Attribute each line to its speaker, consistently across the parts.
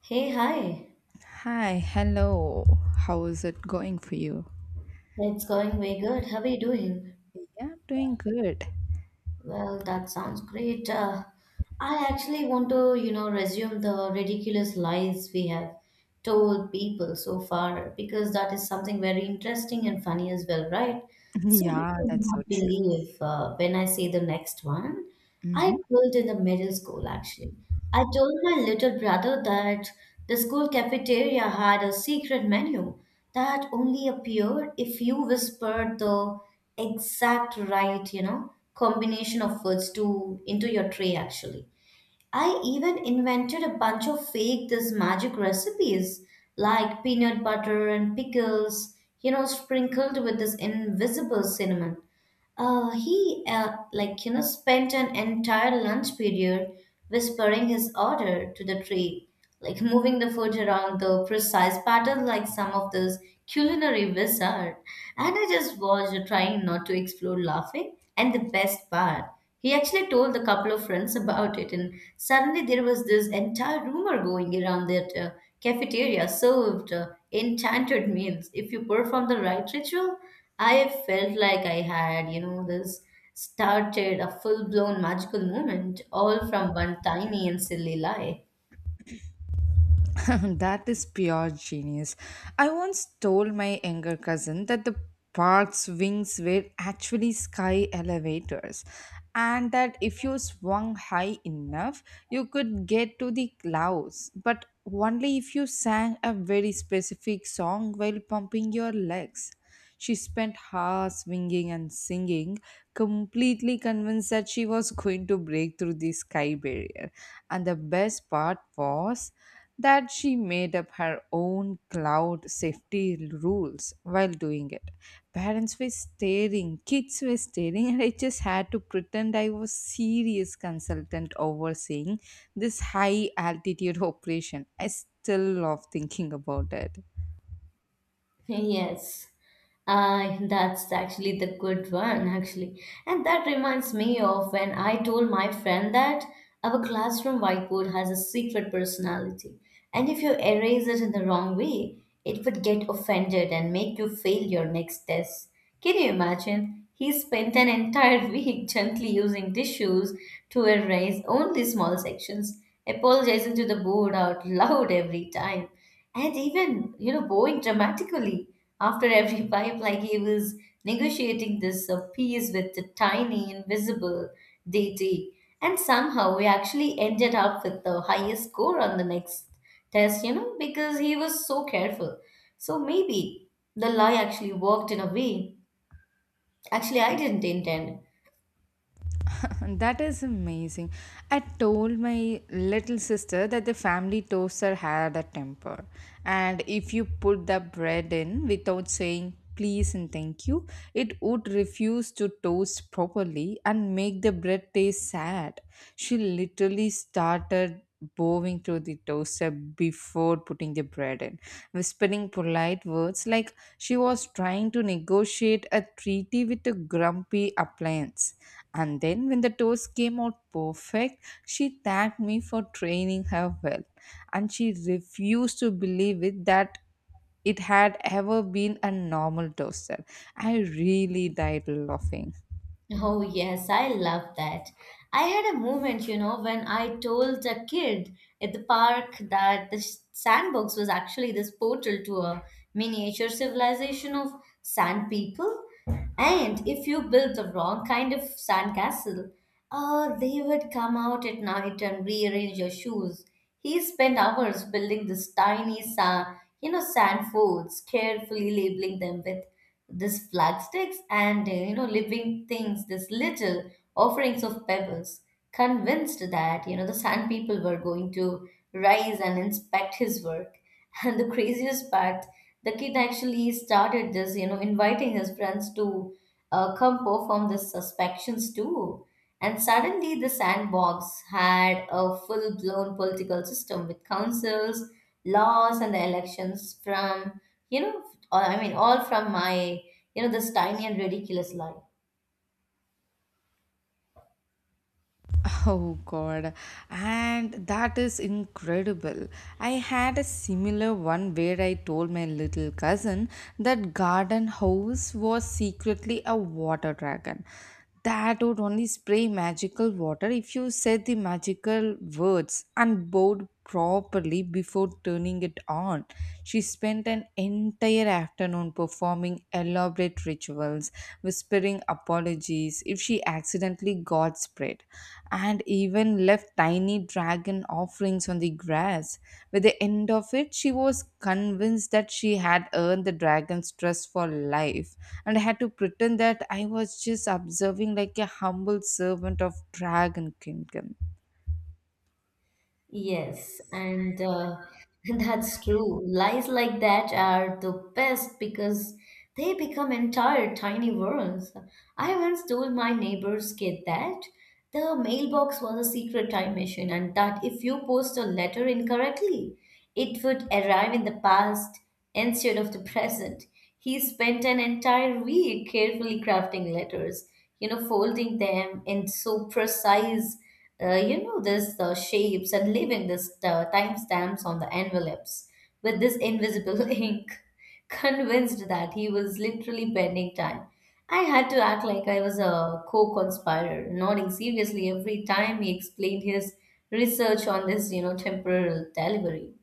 Speaker 1: Hey, hi.
Speaker 2: Hi, hello. How is it going for you?
Speaker 1: It's going way good. How are you doing?
Speaker 2: Yeah, doing good.
Speaker 1: Well, that sounds great. I actually want to, you know, resume the ridiculous lies we have told people so far because that is something very interesting and funny as well, right? So you
Speaker 2: Yeah,
Speaker 1: will
Speaker 2: that's so
Speaker 1: not
Speaker 2: true.
Speaker 1: believe when I say the next one. I
Speaker 2: hmm
Speaker 1: pulled in the middle school actually. I told my little brother that the school cafeteria had a secret menu that only appeared if you whispered the exact right, you know, combination of words to into your tray actually. I even invented a bunch of fake this magic recipes like peanut butter and pickles, you know, sprinkled with this invisible cinnamon. He like, you know, spent an entire lunch period whispering his order to the tray, like moving the food around the precise pattern, like some of those culinary wizard. And I just watched, trying not to explode laughing. And the best part, he actually told a couple of friends about it, and suddenly there was this entire rumor going around that cafeteria served enchanted meals if you perform the right ritual. I felt like I had, you know, this started a full blown magical moment all from one tiny and silly lie.
Speaker 2: that is pure genius. I once told my younger cousin that the park's wings were actually sky elevators, and that if you swung high enough, you could get to the clouds, but only if you sang a very specific song while pumping your legs. She spent hours swinging and singing, completely convinced that she was going to break through the sky barrier. And the best part was that she made up her own cloud safety rules while doing it. Parents were staring, kids were staring, and I just had to pretend I was serious consultant overseeing this high altitude operation. I still love thinking about it.
Speaker 1: Yes, that's actually the good one, actually. And that reminds me of when I told my friend that our classroom whiteboard has a secret personality. And if you erase it in the wrong way, it would get offended and make you fail your next test. Can you imagine? He spent an entire week gently using tissues to erase only small sections, apologizing to the board out loud every time and even you know bowing dramatically after every pipe like he was negotiating this peace with the tiny invisible deity. And somehow we actually ended up with the highest score on the next test, you know, because he was so careful. So maybe the lie actually worked in a way actually I didn't intend.
Speaker 2: That is amazing. I told my little sister that the family toaster had a temper. And if you put the bread in without saying please and thank you, it would refuse to toast properly and make the bread taste sad. She literally started bowing to the toaster before putting the bread in, whispering polite words like she was trying to negotiate a treaty with a grumpy appliance. And then, when the toast came out perfect, she thanked me for training her well. And she refused to believe it that it had ever been a normal toaster. I really died laughing.
Speaker 1: Oh, yes, I love that. I had a moment, you know, when I told a kid at the park that the sandbox was actually this portal tour miniature civilization of sand people. And if you build the wrong kind of sand castle, they would come out at night and rearrange your shoes. He spent hours building this tiny sand, you know, sand forts, carefully labeling them with this flag sticks and you know living things, this little offerings of pebbles. Convinced that you know the sand people were going to rise and inspect his work, And the craziest part, the kid actually started this, you know, inviting his friends to come perform the suspections too. And suddenly, the sandbox had a full blown political system with councils, laws, and the elections from, you know, all from my, you know, this tiny and ridiculous life.
Speaker 2: Oh god, and that is incredible. I had a similar one where I told my little cousin that garden house was secretly a water dragon that would only spray magical water if you said the magical words and both properly before turning it on. She spent an entire afternoon performing elaborate rituals, whispering apologies if she accidentally got spread, and even left tiny dragon offerings on the grass. By the end of it, she was convinced that she had earned the dragon's trust for life, and I had to pretend that I was just observing like a humble servant of Dragon Kingdom.
Speaker 1: Yes, and that's true. Lies like that are the best because they become entire tiny worlds. I once told my neighbor's kid that the mailbox was a secret time machine and that if you post a letter incorrectly, it would arrive in the past instead of the present. He spent an entire week carefully crafting letters, you know, folding them in so precise, you know, this shapes and leaving this timestamps on the envelopes with this invisible ink, convinced that he was literally bending time. I had to act like I was a co conspirator, nodding seriously every time he explained his research on this, you know, temporal delivery.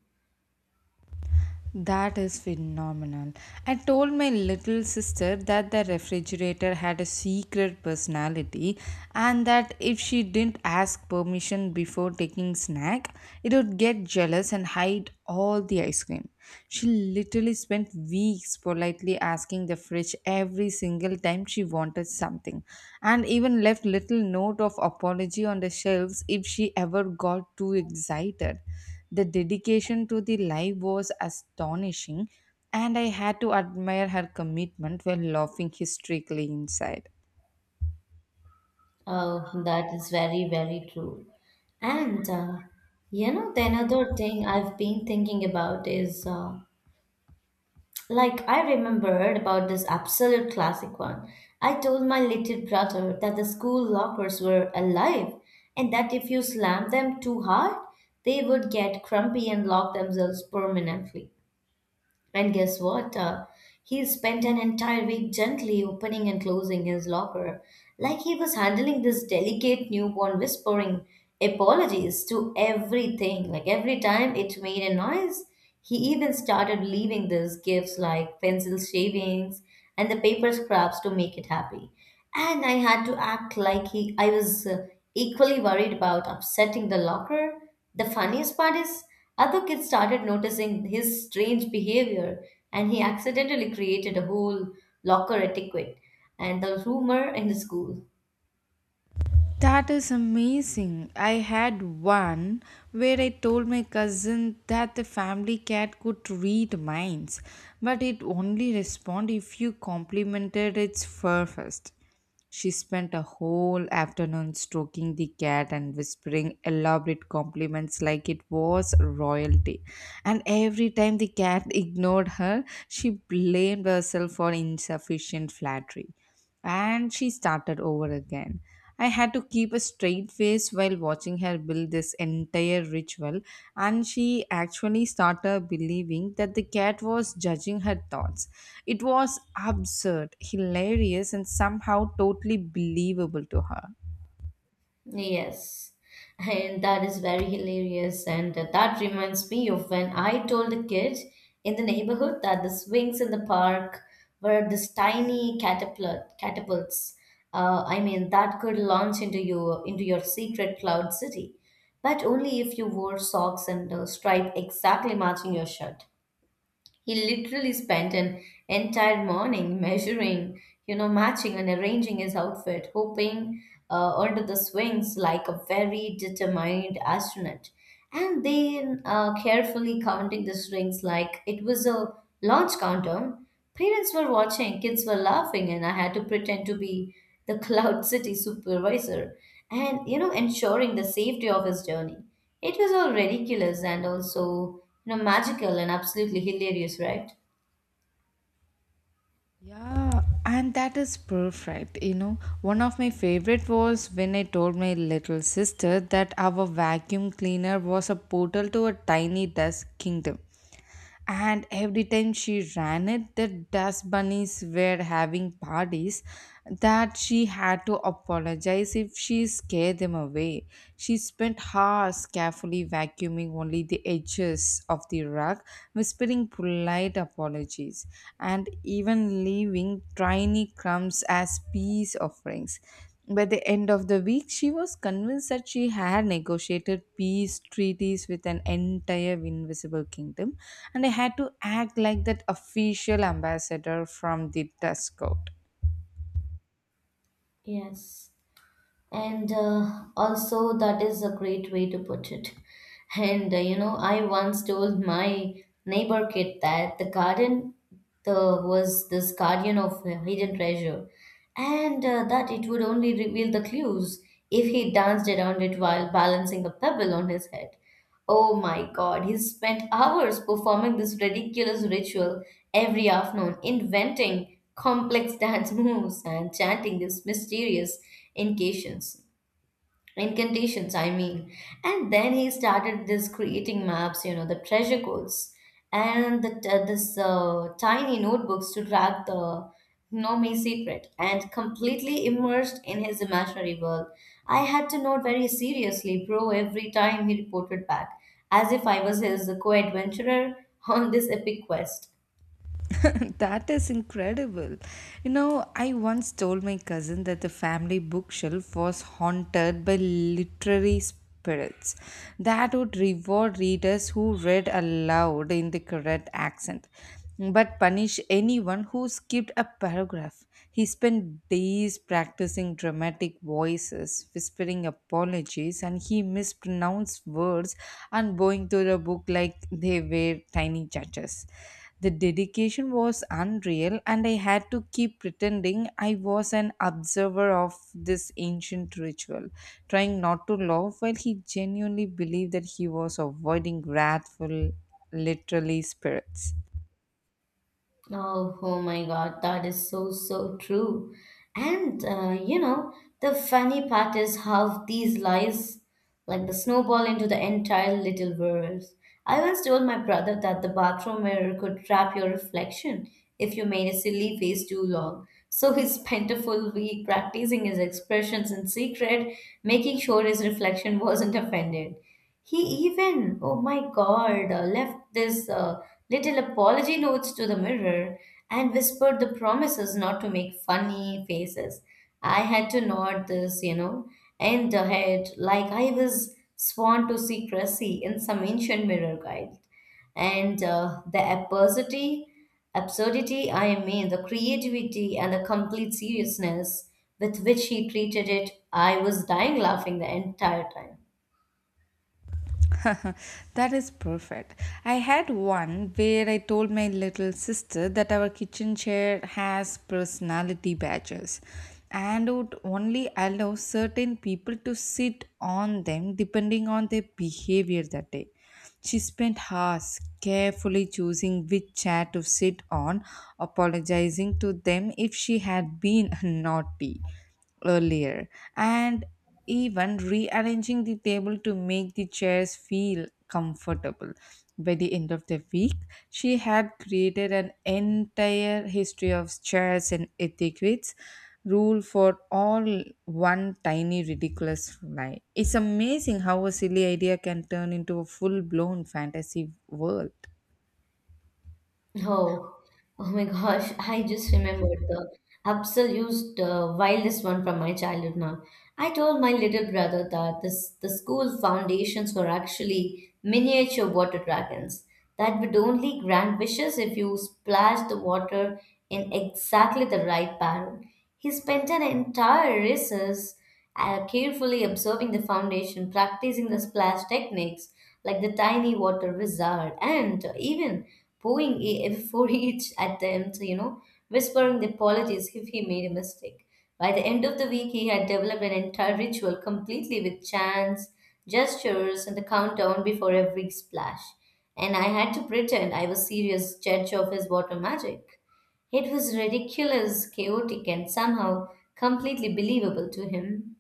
Speaker 2: That is phenomenal. I told my little sister that the refrigerator had a secret personality, and that if she didn't ask permission before taking snack, it would get jealous and hide all the ice cream. She literally spent weeks politely asking the fridge every single time she wanted something, and even left little note of apology on the shelves if she ever got too excited. The dedication to the live was astonishing, and I had to admire her commitment while laughing hysterically inside.
Speaker 1: Oh, that is very, very true. And, uh, you know, the another thing I've been thinking about is like, I remembered about this absolute classic one. I told my little brother that the school lockers were alive and that if you slam them too hard, they would get crumpy and lock themselves permanently. And guess what? He spent an entire week gently opening and closing his locker, like he was handling this delicate newborn, whispering apologies to everything. Like every time it made a noise, he even started leaving these gifts like pencil shavings and the paper scraps to make it happy. And I had to act like I was equally worried about upsetting the locker. The funniest part is other kids started noticing his strange behavior and he accidentally created a whole locker etiquette and the rumor in the school.
Speaker 2: That is amazing. I had one where I told my cousin that the family cat could read minds, but it only responded if you complimented its fur first. She spent a whole afternoon stroking the cat and whispering elaborate compliments like it was royalty. And every time the cat ignored her, she blamed herself for insufficient flattery. And she started over again. I had to keep a straight face while watching her build this entire ritual, and she actually started believing that the cat was judging her thoughts. It was absurd, hilarious, and somehow totally believable to her.
Speaker 1: Yes, and that is very hilarious. And that reminds me of when I told the kid in the neighborhood that the swings in the park were this tiny catapults. That could launch into your secret cloud city, but only if you wore socks and a stripe exactly matching your shirt. He literally spent an entire morning measuring, you know, matching and arranging his outfit, hoping onto the swings like a very determined astronaut. And then carefully counting the strings like it was a launch countdown. Parents were watching, kids were laughing, and I had to pretend to be the Cloud City supervisor and, you know, ensuring the safety of his journey. It was all ridiculous and also, you know, magical and absolutely hilarious, right?
Speaker 2: Yeah, and that is perfect. One of my favorite was when I told my little sister that our vacuum cleaner was a portal to a tiny dust kingdom. And every time she ran it, the dust bunnies were having parties, that she had to apologize if she scared them away. She spent hours carefully vacuuming only the edges of the rug, whispering polite apologies, and even leaving tiny crumbs as peace offerings. By the end of the week, she was convinced that she had negotiated peace treaties with an entire invisible kingdom, and I had to act like that official ambassador from the dust Court.
Speaker 1: Yes. And also, that is a great way to put it. And you know, I once told my neighbor kid that the garden the, was this guardian of a hidden treasure, and that it would only reveal the clues if he danced around it while balancing a pebble on his head. Oh my god, he spent hours performing this ridiculous ritual every afternoon, inventing complex dance moves and chanting these mysterious incantations incantations. And then he started this creating maps, you know, the treasure codes and the t- this tiny notebooks to track the Nomi secret and completely immersed in his imaginary world. I had to note very seriously bro every time he reported back as if I was his co-adventurer on this epic quest.
Speaker 2: That is incredible. I once told my cousin that the family bookshelf was haunted by literary spirits that would reward readers who read aloud in the correct accent, but punish anyone who skipped a paragraph. He spent days practicing dramatic voices, whispering apologies, and he mispronounced words and going through the book like they were tiny judges. The dedication was unreal, and I had to keep pretending I was an observer of this ancient ritual, trying not to laugh while he genuinely believed that he was avoiding wrathful, literally, spirits.
Speaker 1: Oh, oh my God, that is so, so true. And you know, the funny part is how these lies like the snowball into the entire little world. I once told my brother that the bathroom mirror could trap your reflection if you made a silly face too long. So he spent a full week practicing his expressions in secret, making sure his reflection wasn't offended. He even, oh my God, left this little apology notes to the mirror and whispered the promises not to make funny faces. I had to nod this, you know, and the head like I was sworn to secrecy in some ancient mirror guide. And absurdity, I mean, the creativity and the complete seriousness with which he treated it, I was dying laughing the entire time.
Speaker 2: That is perfect. I had one where I told my little sister that our kitchen chair has personality badges and would only allow certain people to sit on them depending on their behavior that day. She spent hours carefully choosing which chair to sit on, apologizing to them if she had been naughty earlier, and even rearranging the table to make the chairs feel comfortable. By the end of the week, she had created an entire history of chairs and etiquettes rule for all one tiny ridiculous lie. It's amazing how a silly idea can turn into a full blown fantasy world.
Speaker 1: Oh, oh my gosh, I just remembered the absolute wildest one from my childhood now. I told my little brother that the school foundations were actually miniature water dragons that would only grant wishes if you splashed the water in exactly the right pattern. He spent an entire recess carefully observing the foundation, practicing the splash techniques like the tiny water wizard, and even before each attempt, you know, whispering the apologies if he made a mistake. By the end of the week, he had developed an entire ritual completely with chants, gestures, and the countdown before every splash. And I had to pretend I was serious judge of his water magic. It was ridiculous, chaotic, and somehow completely believable to him.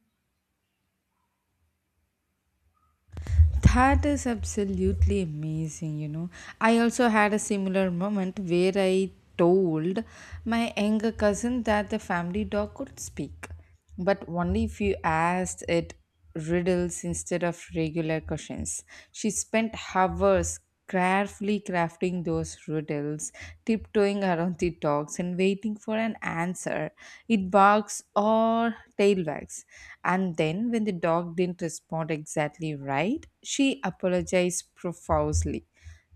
Speaker 2: That is absolutely amazing, you know. I also had a similar moment where I told my younger cousin that the family dog could speak, but only if you asked it riddles instead of regular questions. She spent hours carefully crafting those riddles, tiptoeing around the dogs and waiting for an answer. It barks or tail wags. And then, when the dog didn't respond exactly right, she apologized profusely.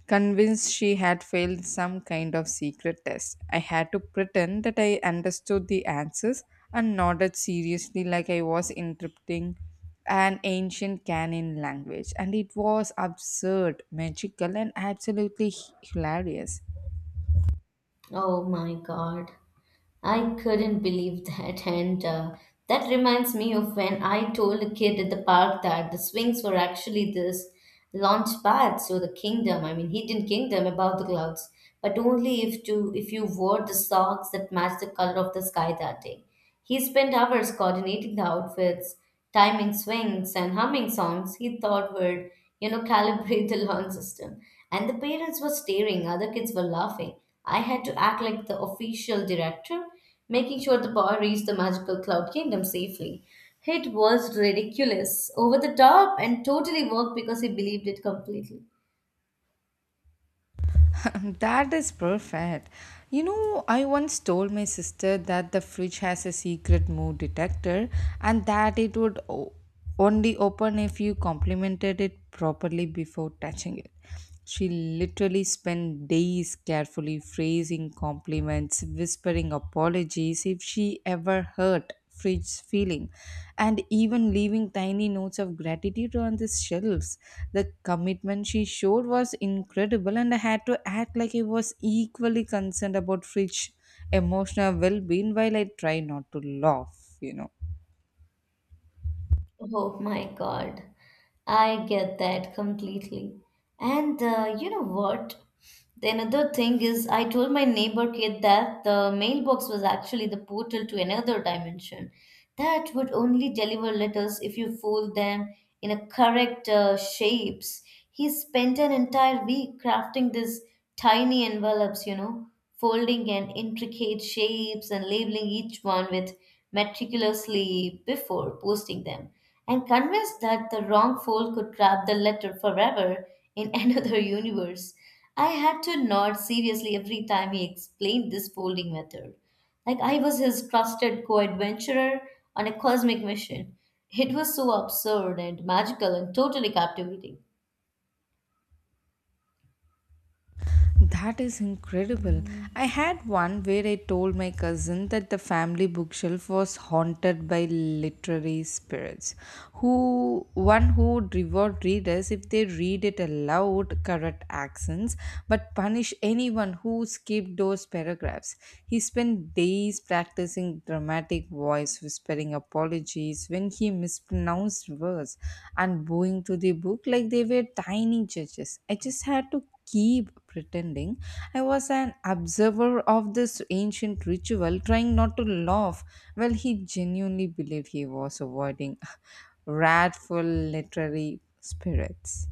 Speaker 2: Convinced she had failed some kind of secret test, I had to pretend that I understood the answers and nodded seriously like I was interpreting an ancient canon language. And it was absurd, magical, and absolutely hilarious.
Speaker 1: Oh my God. I couldn't believe that. And that reminds me of when I told a kid at the park that the swings were actually this launch pad, so the kingdom, I mean hidden kingdom above the clouds, but only if you wore the socks that matched the color of the sky that day. He spent hours coordinating the outfits, timing swings, and humming songs he thought would, you know, calibrate the lawn system. And the parents were staring, other kids were laughing. I had to act like the official director, making sure the boy reached the magical cloud kingdom safely. It was ridiculous, over the top, and totally worked because he believed it completely.
Speaker 2: That is perfect. I once told my sister that the fridge has a secret mood detector, and that it would only open if you complimented it properly before touching it. She literally spent days carefully phrasing compliments, whispering apologies if she ever hurt fridge feeling, and even leaving tiny notes of gratitude on the shelves. The commitment she showed was incredible, and I had to act like I was equally concerned about fridge emotional well-being while I try not to laugh.
Speaker 1: Oh my God. I get that completely. And you know what? The another thing is, I told my neighbor kid that the mailbox was actually the portal to another dimension that would only deliver letters if you fold them in a correct shapes. He spent an entire week crafting these tiny envelopes, you know, folding and intricate shapes and labeling each one with meticulously before posting them and convinced that the wrong fool could grab the letter forever in another universe. I had to nod seriously every time he explained this folding method. Like I was his trusted co adventurer on a cosmic mission. It was so absurd and magical and totally captivating.
Speaker 2: That is incredible.
Speaker 1: Mm.
Speaker 2: I had one where I told my cousin that the family bookshelf was haunted by literary spirits, who would reward readers if they read it aloud, correct accents, but punish anyone who skipped those paragraphs. He spent days practicing dramatic voice, whispering apologies when he mispronounced words, and bowing to the book like they were tiny judges. I just had to keep pretending I was an observer of this ancient ritual, trying not to laugh while he genuinely believed he was avoiding wrathful literary spirits.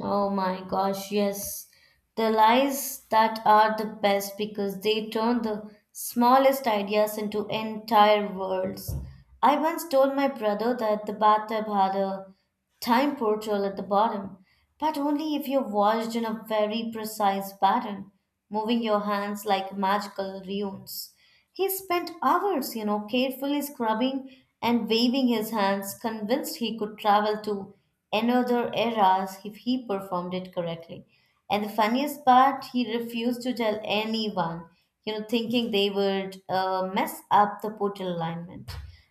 Speaker 1: Oh my gosh, yes. The lies that are the best because they turn the smallest ideas into entire worlds. I once told my brother that the bathtub had a time portal at the bottom, but only if you're watched in a very precise pattern, moving your hands like magical runes. He spent hours, carefully scrubbing and waving his hands, convinced he could travel to another era if he performed it correctly. And the funniest part, he refused to tell anyone, thinking they would mess up the portal alignment.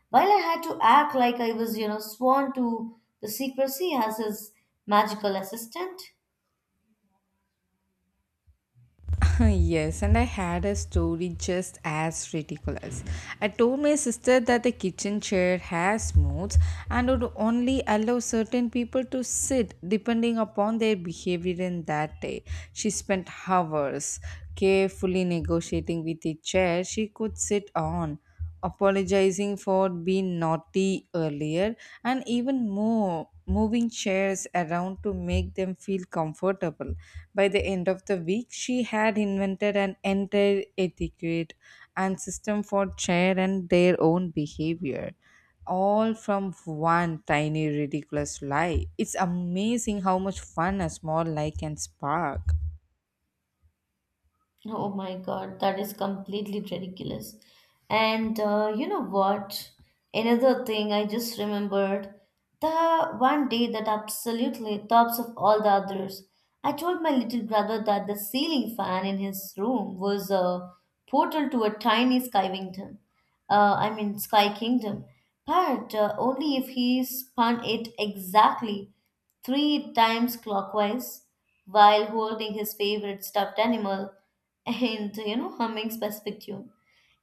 Speaker 1: While I had to act like I was, sworn to the secrecy as his magical assistant.
Speaker 2: Yes, and I had a story just as ridiculous. I told my sister that the kitchen chair has modes and would only allow certain people to sit depending upon their behavior in that day. She spent hours carefully negotiating with the chair she could sit on, apologizing for being naughty earlier, and even more moving chairs around to make them feel comfortable. By the end of the week, she had invented an entire etiquette and system for chair and their own behavior, all from one tiny ridiculous lie. It's amazing how much fun a small lie can spark.
Speaker 1: Oh my God, that is completely ridiculous. And You know what? Another thing I just remembered, the one day that absolutely tops of all the others. I told my little brother that the ceiling fan in his room was a portal to a tiny sky kingdom. I mean, sky kingdom. But only if he spun it exactly three times clockwise while holding his favorite stuffed animal and you know humming specific tune.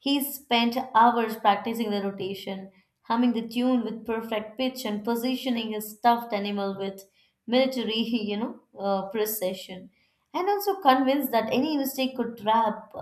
Speaker 1: He spent hours practicing the rotation, humming the tune with perfect pitch and positioning his stuffed animal with military precision, and also convinced that any mistake could trap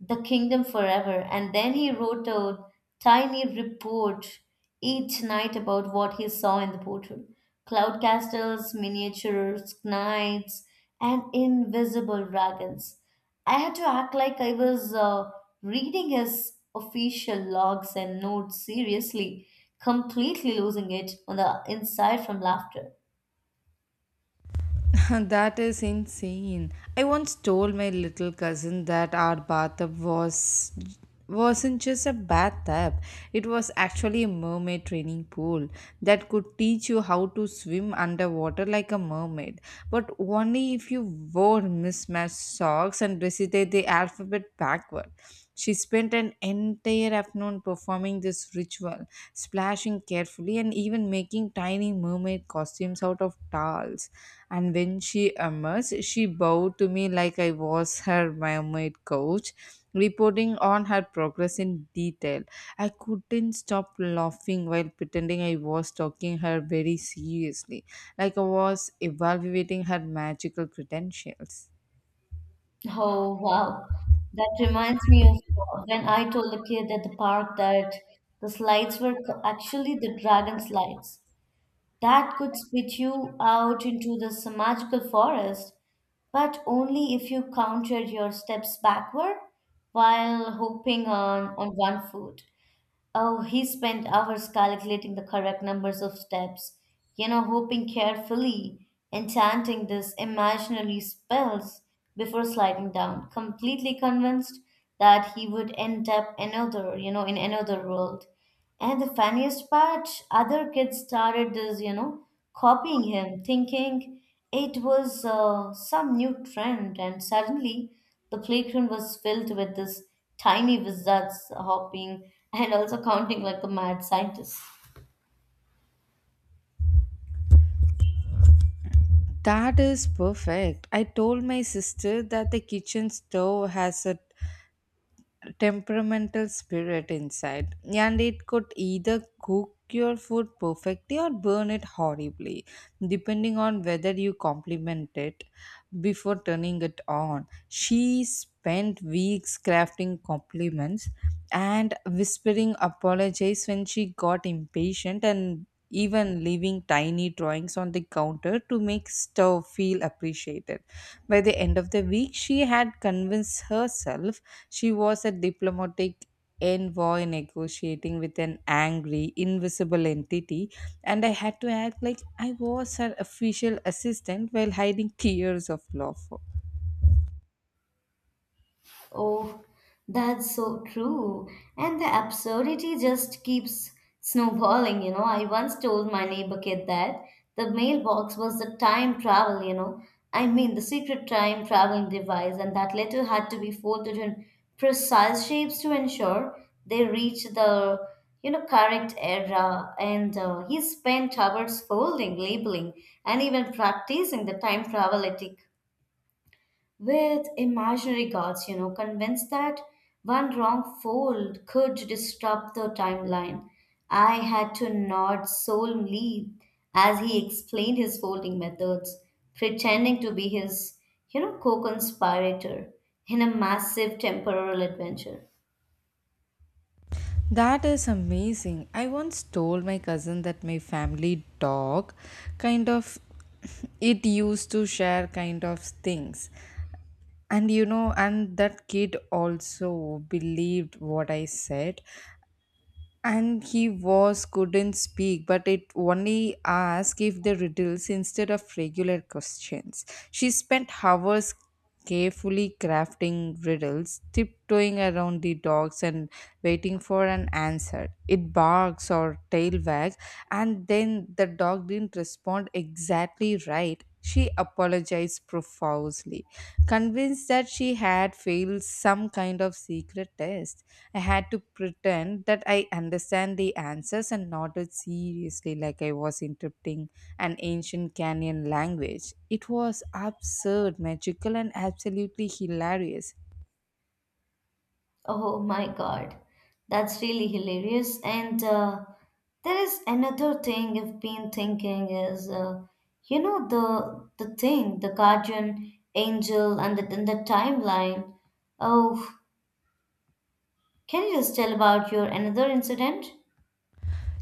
Speaker 1: the kingdom forever. And then he wrote a tiny report each night about what he saw in the portal, cloud castles, miniature knights, and invisible dragons. I had to act like I was reading his official logs and notes seriously, completely losing it on the inside from laughter.
Speaker 2: That is insane. I once told my little cousin that our bathtub wasn't just a bathtub. It was actually a mermaid training pool that could teach you how to swim underwater like a mermaid, but only if you wore mismatched socks and recited the alphabet backward. She spent an entire afternoon performing this ritual, splashing carefully and even making tiny mermaid costumes out of towels. And when she emerged, she bowed to me like I was her mermaid coach, reporting on her progress in detail. I couldn't stop laughing while pretending I was talking her very seriously, like I was evaluating her magical credentials.
Speaker 1: Oh, wow. That reminds me of when I told a kid at the park that the slides were actually the dragon slides that could spit you out into this magical forest, but only if you counted your steps backward while hopping on one foot. Oh, he spent hours calculating the correct numbers of steps, hoping carefully, enchanting these imaginary spells before sliding down, completely convinced that he would end up another, in another world. And the funniest part, other kids started this, copying him, thinking it was some new trend. And suddenly, the playground was filled with this tiny wizards hopping and also counting like the mad scientists.
Speaker 2: That is perfect. I told my sister that the kitchen stove has a temperamental spirit inside, and it could either cook your food perfectly or burn it horribly depending on whether you compliment it before turning it on. She spent weeks crafting compliments and whispering apologies when she got impatient, and even leaving tiny drawings on the counter to make Stowe feel appreciated. By the end of the week, she had convinced herself she was a diplomatic envoy negotiating with an angry, invisible entity, and I had to act like I was her official assistant while hiding tears of laughter.
Speaker 1: Oh, that's so true. And the absurdity just keeps snowballing. I once told my neighbor kid that the mailbox was the time travel, you know. I mean, the secret time traveling device, and that letter had to be folded in precise shapes to ensure they reached the, correct era. And he spent hours folding, labeling, and even practicing the time travel etiquette with imaginary gods, convinced that one wrong fold could disrupt the timeline. I had to nod solemnly as he explained his folding methods, pretending to be his, co conspirator in a massive temporal adventure.
Speaker 2: That is amazing. I once told my cousin that my family dog kind of it used to share kind of things, and you know and that kid also believed what I said. And he was couldn't speak, but it only asked if the riddles instead of regular questions. She spent hours carefully crafting riddles, tiptoeing around the dogs and waiting for an answer. It barks or tail wags, and then the dog didn't respond exactly right, she apologized profusely, convinced that she had failed some kind of secret test. I had to pretend that I understand the answers and nodded seriously like I was interpreting an ancient Kenyan language. It was absurd, magical, and absolutely hilarious.
Speaker 1: Oh my God, that's really hilarious. And there is another thing I've been thinking is, the thing, the guardian angel, and the timeline. Oh, can you just tell about your another incident?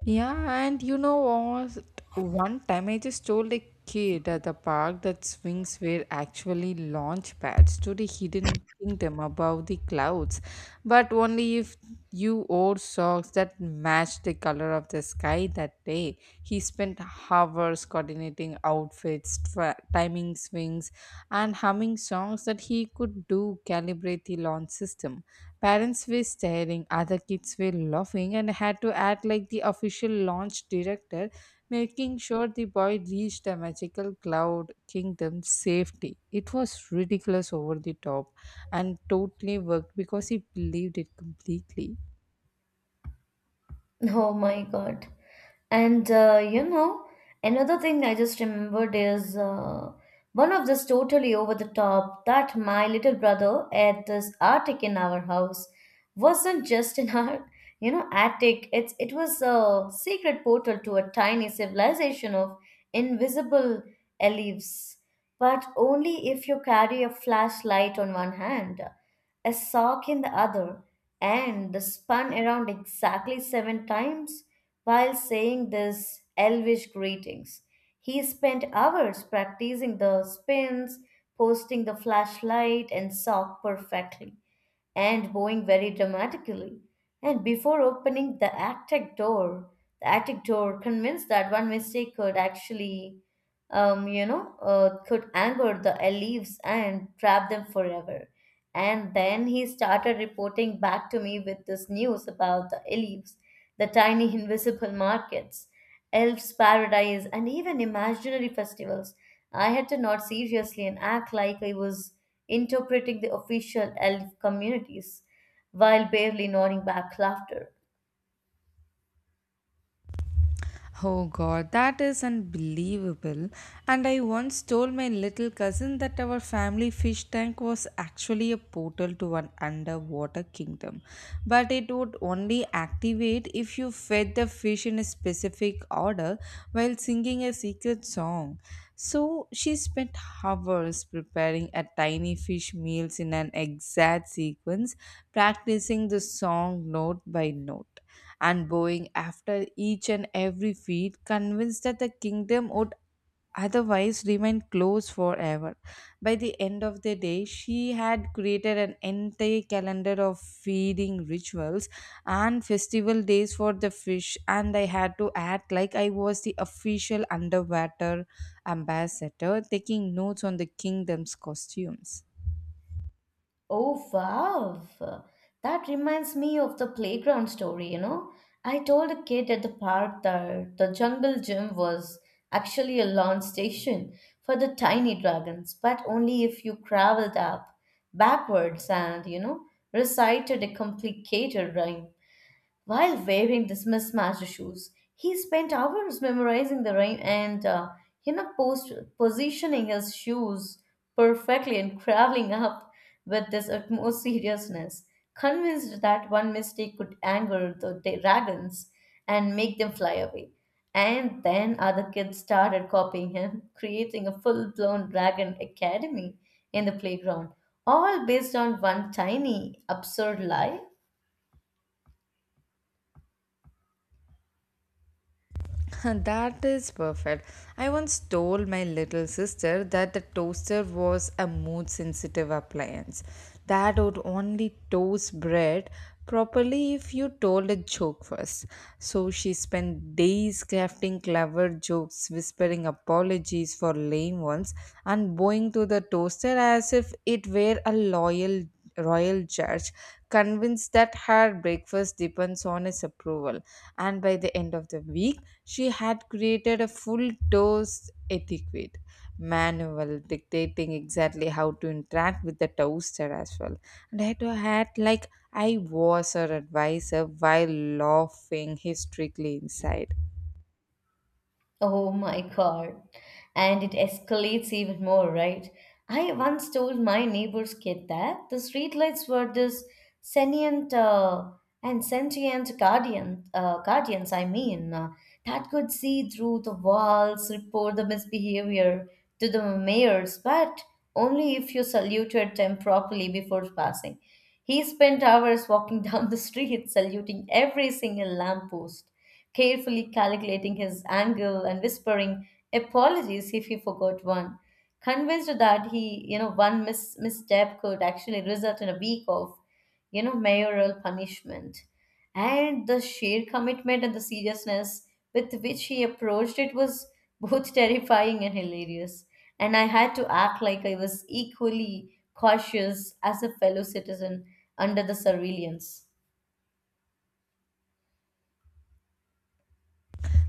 Speaker 2: Yeah, and you know what? One time I just told a kid at the park that swings were actually launch pads to the hidden kingdom above the clouds, but only if you wore socks that matched the color of the sky that day. He spent hours coordinating outfits, timing swings, and humming songs that he could do calibrate the launch system. Parents were staring, other kids were laughing, and I had to act like the official launch director, making sure the boy reached the magical cloud kingdom safely. It was ridiculous over the top and totally worked because he believed it completely.
Speaker 1: Oh my God. And another thing I just remembered is one of this totally over the top that my little brother at this attic in our house wasn't just an art, you know, attic. It was a secret portal to a tiny civilization of invisible elves, but only if you carry a flashlight on one hand, a sock in the other, and spun around exactly seven times while saying these elvish greetings. He spent hours practicing the spins, posting the flashlight, and sock perfectly and bowing very dramatically. And before opening the attic door, convinced that one mistake could actually, could anger the elves and trap them forever. And then he started reporting back to me with this news about the elves, the tiny invisible markets, elves' paradise, and even imaginary festivals. I had to nod seriously and act like I was interpreting the official elf communities while barely nodding back laughter.
Speaker 2: Oh god, that is unbelievable. And I once told my little cousin that our family fish tank was actually a portal to an underwater kingdom, but it would only activate if you fed the fish in a specific order while singing a secret song. So she spent hours preparing a tiny fish meals in an exact sequence, practicing the song note by note and bowing after each and every feat, convinced that the kingdom would otherwise remain closed forever. By the end of the day, she had created an entire calendar of feeding rituals and festival days for the fish, and I had to act like I was the official underwater ambassador, taking notes on the kingdom's costumes.
Speaker 1: Oh, wow. That reminds me of the playground story, you know. I told a kid at the park that the jungle gym was actually a launch station for the tiny dragons, but only if you traveled up backwards and, recited a complicated rhyme. While wearing these mismatched shoes, he spent hours memorizing the rhyme and, positioning his shoes perfectly and traveling up with this utmost seriousness, convinced that one mistake could anger the dragons and make them fly away. And then other kids started copying him, creating a full blown dragon academy in the playground, all based on one tiny, absurd lie.
Speaker 2: That is perfect. I once told my little sister that the toaster was a mood sensitive appliance that would only toast bread properly if you told a joke first. So she spent days crafting clever jokes, whispering apologies for lame ones, and bowing to the toaster as if it were a loyal royal judge, convinced that her breakfast depends on his approval. And by the end of the week, she had created a full toast etiquette manual dictating exactly how to interact with the toaster as well. And I had to act like I was her advisor while laughing hysterically inside.
Speaker 1: Oh my God. And it escalates even more, right? I once told my neighbor's kid that the streetlights were this Sentient uh, sentient guardians, that could see through the walls, report the misbehavior to the mayors, but only if you saluted them properly before passing. He spent hours walking down the street, saluting every single lamppost, carefully calculating his angle and whispering apologies if he forgot one. Convinced that he, one misstep could actually result in a week of mayoral punishment. And the sheer commitment and the seriousness with which he approached it was both terrifying and hilarious. And I had to act like I was equally cautious as a fellow citizen under the surveillance.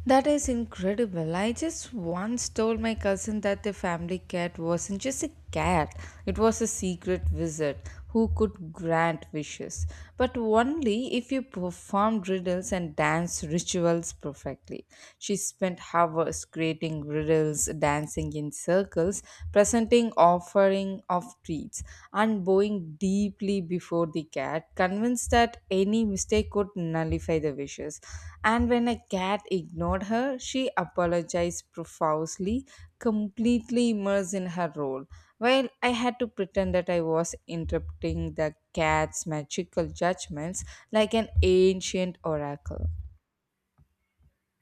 Speaker 2: That is incredible. I just once told my cousin that the family cat wasn't just a cat, it was a secret wizard who could grant wishes, but only if you performed riddles and danced rituals perfectly. She spent hours creating riddles couples dancing in circles, presenting offering of treats, and bowing deeply before the cat, convinced that any mistake could nullify the wishes. And when a cat ignored her, she apologized profusely, completely immersed in her role, while I had to pretend that I was interpreting the cat's magical judgments like an ancient oracle.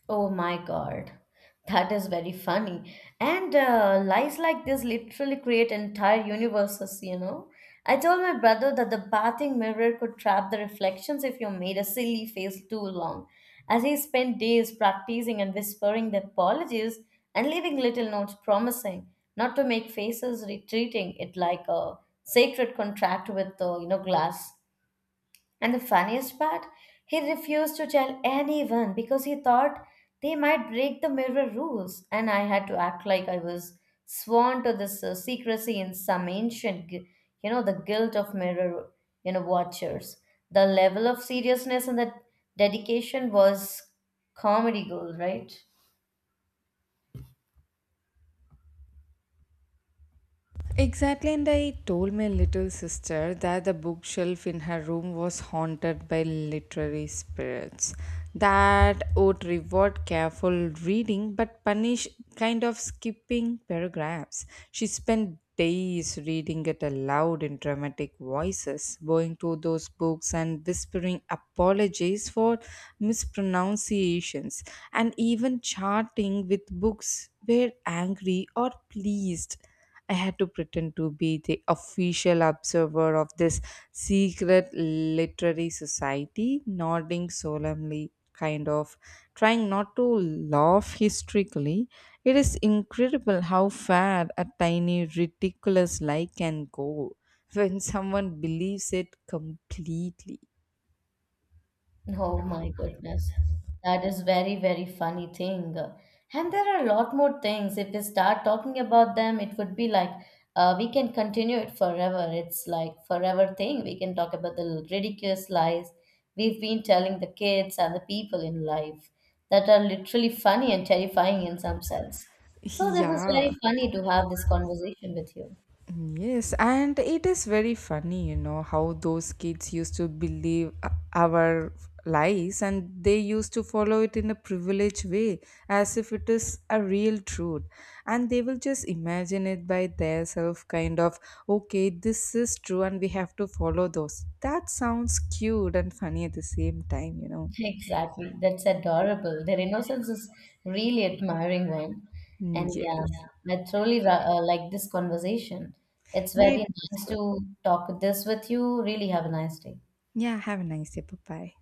Speaker 1: Oh my God. That is very funny. And lies like this literally create entire universes, you know? I told my brother that the bathing mirror could trap the reflections if you made a silly face too long, as he spent days practicing and whispering the apologies and leaving little notes promising not to make faces, retreating it like a sacred contract with the, glass. And the funniest part, he refused to tell anyone because he thought they might break the mirror rules, and I had to act like I was sworn to this secrecy in some ancient, the guilt of mirror, watchers. The level of seriousness and the dedication was comedy gold, right?
Speaker 2: Exactly, and I told my little sister that the bookshelf in her room was haunted by literary spirits that would reward careful reading but punish kind of skipping paragraphs. She spent days reading it aloud in dramatic voices, going to those books and whispering apologies for mispronunciations, and even charting with books were angry or pleased. I had to pretend to be the official observer of this secret literary society, nodding solemnly, kind of trying not to laugh hysterically. It is incredible how far a tiny ridiculous lie can go when someone believes it completely.
Speaker 1: Oh my goodness. That is very, very funny thing. And there are a lot more things. If we start talking about them, it would be like we can continue it forever. It's like forever thing. We can talk about the ridiculous lies we've been telling the kids and the people in life that are literally funny and terrifying in some sense. So this is
Speaker 2: Yeah.
Speaker 1: very funny to have this conversation with you.
Speaker 2: Yes, and it is very funny, you know, how those kids used to believe our lies and they used to follow it in a privileged way as if it is a real truth. And they will just imagine it by their self, kind of, okay, this is true and we have to follow those. That sounds cute and funny at the same time, you know.
Speaker 1: Exactly. That's adorable. Their innocence is really admiring one.
Speaker 2: Mm,
Speaker 1: And yeah,
Speaker 2: yes.
Speaker 1: I truly like this conversation. It's
Speaker 2: Yeah, it
Speaker 1: very
Speaker 2: was
Speaker 1: nice
Speaker 2: good.
Speaker 1: to talk this with you. Really have a nice day.
Speaker 2: Yeah, have a nice day. Bye bye.